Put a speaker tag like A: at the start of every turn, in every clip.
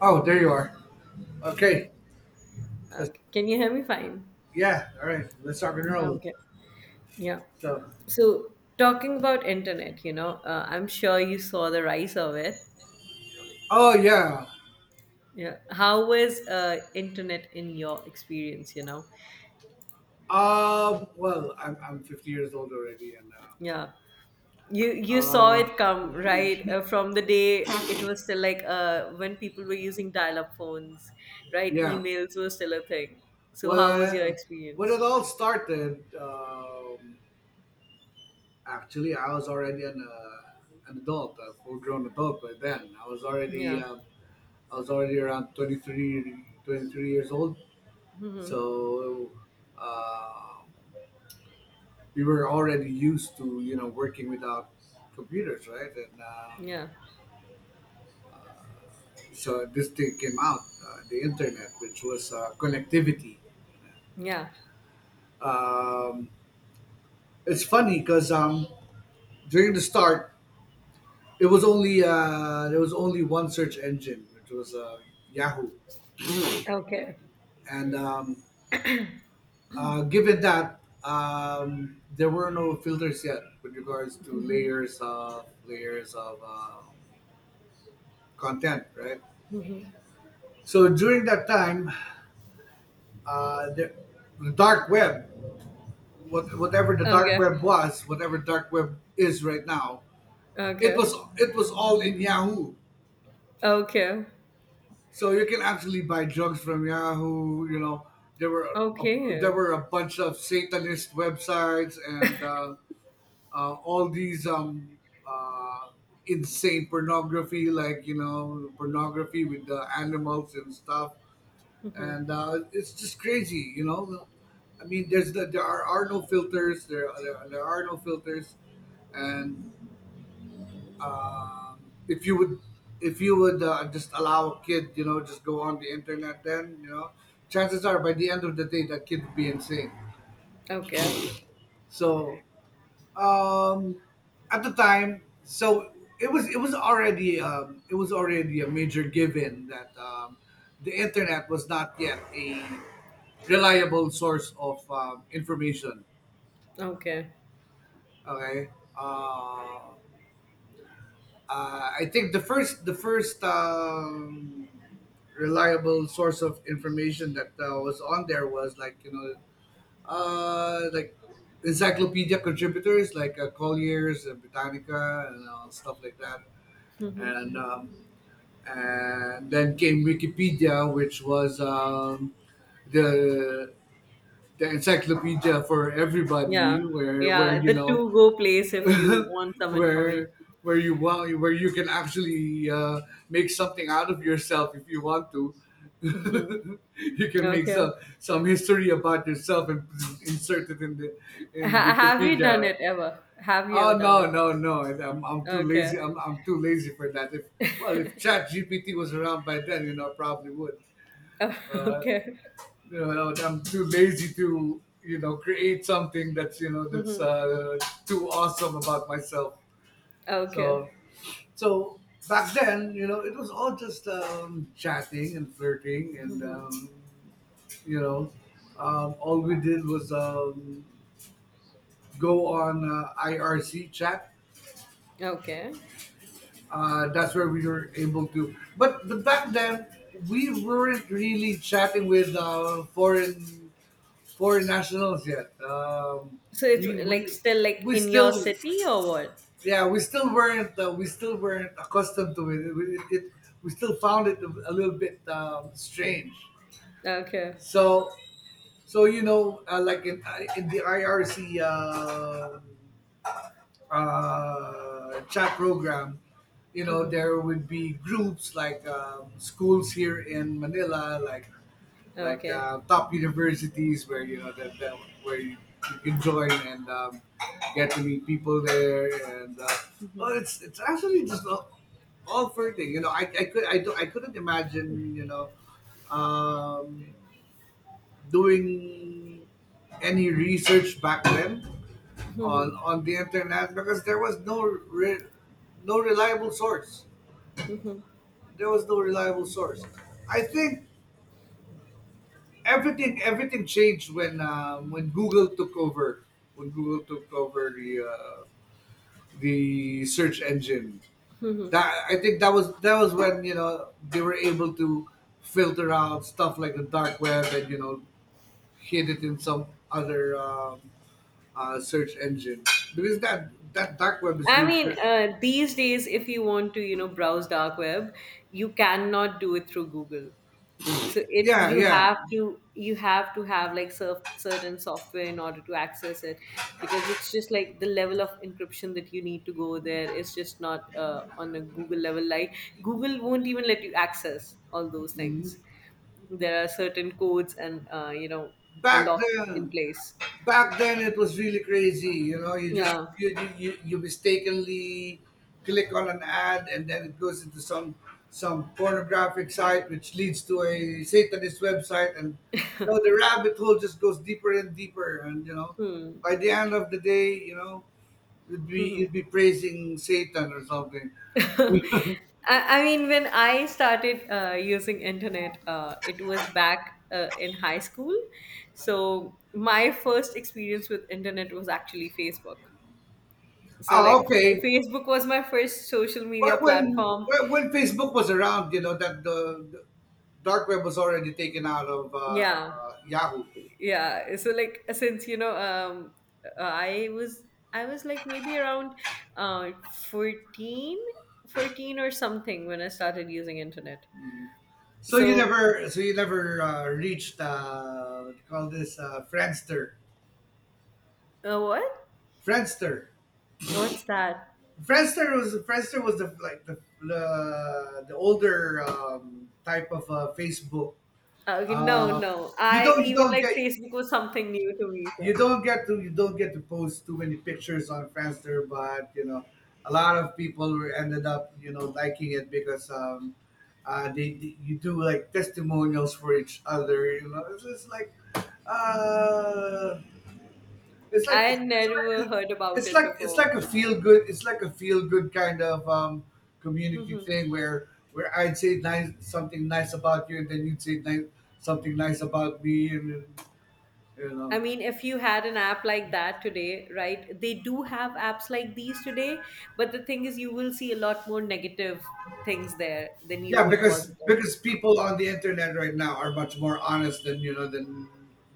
A: Oh, there you are. Okay. Let's-
B: Okay. Can you hear me fine?
A: yeah. All right. Let's start and roll.
B: Okay. Yeah.
A: So.
B: So talking about internet, I'm sure you saw the rise of it.
A: Oh yeah.
B: Yeah. How was internet in your experience?
A: Well, I'm 50 years old already, and
B: Yeah. You
A: uh,
B: you saw it
A: uh
B: come, right? From the day it was still like when people were using dial-up phones, right?
A: yeah.
B: Emails were still a thing. So how was your
A: Well, when
B: experience?
A: it all started, actually, I was already an adult, a full grown adult by then.
B: Yeah.
A: I was already around 23, 23 years old.
B: Mm-hmm.
A: So. Uh, we were already used to you know working without computers, right. and um,
B: Yeah.
A: so this thing came out, the internet, which was connectivity.
B: Yeah.
A: um, it's funny because during the start it was only there was only one search engine, which was Yahoo.
B: Okay.
A: And um, uh, given that there were no filters yet with regards to layers of content, right.
B: Mm-hmm.
A: So during that time, uh, the, the dark web, whatever the dark
B: Okay.
A: web was, whatever dark web is right now, it was
B: Okay.
A: it was all in Yahoo.
B: Okay.
A: So you can actually buy drugs from Yahoo. You know, there were a, there
B: Okay.
A: were a bunch of Satanist websites, and all these uh, insane pornography, like you know, pornography with the animals and stuff.
B: Mhm.
A: And it's just crazy, you know. I mean, there's the, there are no filters. There are no filters. And um, if you would if you would just allow a kid, you know, just go on the internet, then you know, chances are by the end of the day that kid would be insane.
B: Okay.
A: So Um, at the time, so it was already it was already a major given that the internet was not yet a reliable source of information.
B: Okay.
A: Okay. uh, I think the first reliable source of information that was on there was like you know like encyclopedia contributors like Collier's and Britannica and stuff like that.
B: Mhm.
A: And um, and then came Wikipedia, which was the the encyclopedia for
B: Yeah.
A: everybody, where
B: Yeah,
A: you
B: the
A: know
B: two go place if you want some information.
A: where where you can actually make something out of yourself if you want to.
B: Hmm.
A: You can make
B: Okay.
A: some history about yourself and insert it in the in
B: Have you done
A: Wikipedia.
B: it ever? Have you ever
A: Oh
B: done
A: no,
B: it?
A: no, no! I'm too
B: Okay.
A: lazy. I'm too lazy for that. If Well, if Chat GPT was around by then, you know, I probably would. Uh,
B: Okay.
A: you know, I'm too lazy to you know create something that's you know that's
B: Hmm.
A: too awesome about myself.
B: Okay.
A: So so back then, you know, it was all just chatting and flirting, and you know, all we did was go on IRC chat.
B: Okay.
A: That's where we were able to. But back then, we weren't really chatting with foreign nationals yet.
B: So it's
A: We
B: like
A: we
B: still like
A: we
B: in your
A: still
B: city or what?
A: yeah, we still weren't accustomed to it. We still found it a little bit strange.
B: Okay.
A: So so you know, like in the IRC chat program, you know,
B: Hmm.
A: there would be groups like schools here in Manila, like
B: Okay.
A: top universities where you know that where you can join and get to meet people there and. Well, it's actually just all fair. You know, I couldn't imagine you know um, doing any research back then
B: Hmm.
A: on the internet because there was no reliable source.
B: Hmm.
A: There was no reliable source. I think everything changed when Google took over, when Google took over the search engine.
B: Hmm.
A: That I think that was when you know they were able to filter out stuff like the dark web, and you know hid it in some other search engine because that dark web is
B: I
A: really
B: mean, these days, if you want to, browse dark web, you cannot do it through Google. So it
A: yeah yeah
B: you have to have like surf, certain software in order to access it because it's just like the level of encryption that you need to go there is just not on a Google level. Like Google won't even let you access all those things. There are certain codes and
A: back
B: locks in
A: then,
B: place.
A: it was really crazy, you know. You just
B: Yeah.
A: you mistakenly click on an ad and then it goes into some pornographic site which leads to a satanist website, and you know the rabbit hole just goes deeper and deeper, and you know
B: Hmm.
A: by the end of the day, you know, you'd be praising satan or something.
B: I, I mean, when I started using internet, it was back in high school. So my first experience with internet was actually Facebook. So
A: Oh,
B: like
A: okay.
B: Facebook was my first social
A: Well,
B: media platform.
A: when facebook was around, you know that the dark web was already taken out of
B: Yeah,
A: Yahoo.
B: yeah. So like since uh, I was I was like maybe around uh 14, fourteen or something when I started using internet. So
A: So you never reached what do you call this, Friendster,
B: what?
A: Friendster.
B: What's that?
A: Friendster was, Friendster was the like the older type of Facebook.
B: Ah, okay, no,
A: Uh,
B: no.
A: you
B: I
A: don't you
B: even
A: don't
B: like
A: get
B: Facebook was something new to me,
A: you
B: so
A: don't get to, you don't get to post too many pictures on Friendster, but you know, a lot of people were ended up you know liking it because they- you do like testimonials for each other. You know, it's just like uh, it's
B: I
A: like it's,
B: had
A: it's like
B: never heard about it
A: it's
B: before.
A: like a feel good, kind of community
B: Mhm.
A: thing where I'd say nice, something nice about you, and then you'd say nice, something nice about me, and you
B: I
A: know.
B: mean, if you had an app like that today, right? They do have apps like these today, but the thing is, you will see a lot more negative things there than you
A: Yeah,
B: would
A: because
B: positive.
A: people on the internet right now are much more honest than you know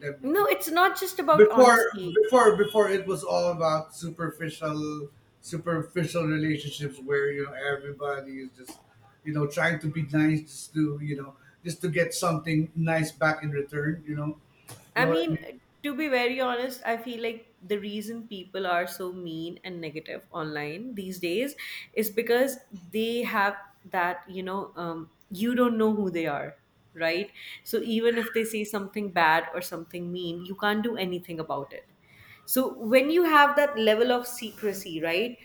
A: than
B: No,
A: before.
B: it's not just about honesty.
A: Before it was all about superficial superficial relationships where you know everybody is just you know trying to be nice just to you know just to get something nice back in return. You
B: I
A: know what I mean?
B: mean, to be very honest, I feel like the reason people are so mean and negative online these days is because they have you don't know who they are, right? So even if they say something bad or something mean, you can't do anything about it. So when you have that level of secrecy, right?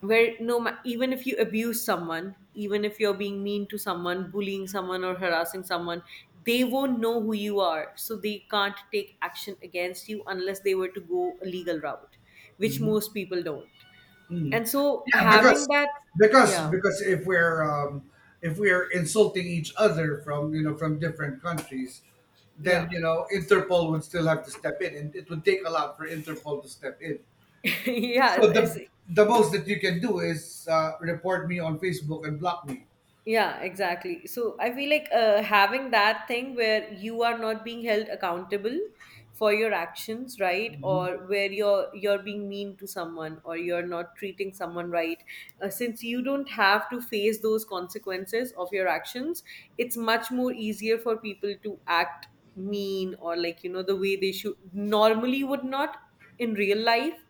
B: Where even if you abuse someone, even if you're being mean to someone, bullying someone or harassing someone, they won't know who you are, so they can't take action against you unless they were to go a legal route, which most people don't.
A: Mhm.
B: And so
A: Yeah,
B: having
A: because
B: that
A: because
B: Yeah,
A: because if we're um, if we're insulting each other from you know from different countries, then
B: yeah.
A: you know Interpol would still have to step in, and it would take a lot for Interpol to step in.
B: yeah
A: So
B: it's,
A: the most that you can do is report me on Facebook and block me.
B: Yeah, exactly. So I feel like having that thing where you are not being held accountable for your actions, right? Or where you're being mean to someone or you're not treating someone right. Since you don't have to face those consequences of your actions, it's much more easier for people to act mean or, like, you know, the way they should normally would not in real life.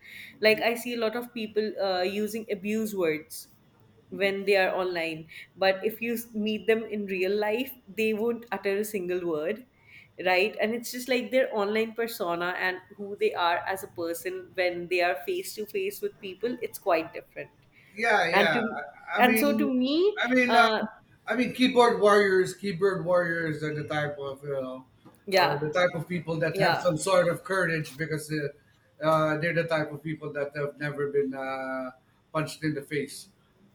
B: Like I see a lot of people using abuse words when they are online. But if you meet them in real life, they won't utter a single word, right? And it's just like their online persona and who they are as a person when they are face to face with people, it's quite different.
A: Yeah,
B: And
A: yeah.
B: to
A: I
B: and so
A: mean,
B: To me,
A: I mean, um,
B: uh,
A: I mean, keyboard warriors are the type of you know, are
B: yeah,
A: the type of people that have
B: yeah.
A: some sort of courage because they're the type of people that have never been punched in the face.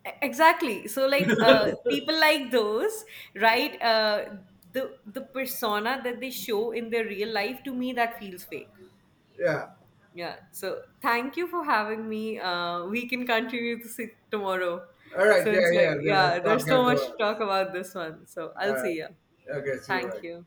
B: Exactly. So like people like those, right? The persona that they show in their real life, to me that feels fake.
A: Yeah.
B: Yeah. So thank you for having me. We can continue this tomorrow.
A: All right.
B: So
A: Yeah,
B: it's
A: yeah.
B: like,
A: Then let's
B: yeah,
A: talk.
B: there's so much to
A: All
B: talk about this one. So I'll
A: right.
B: see you.
A: Okay. See you.
B: Thank
A: Right.
B: you.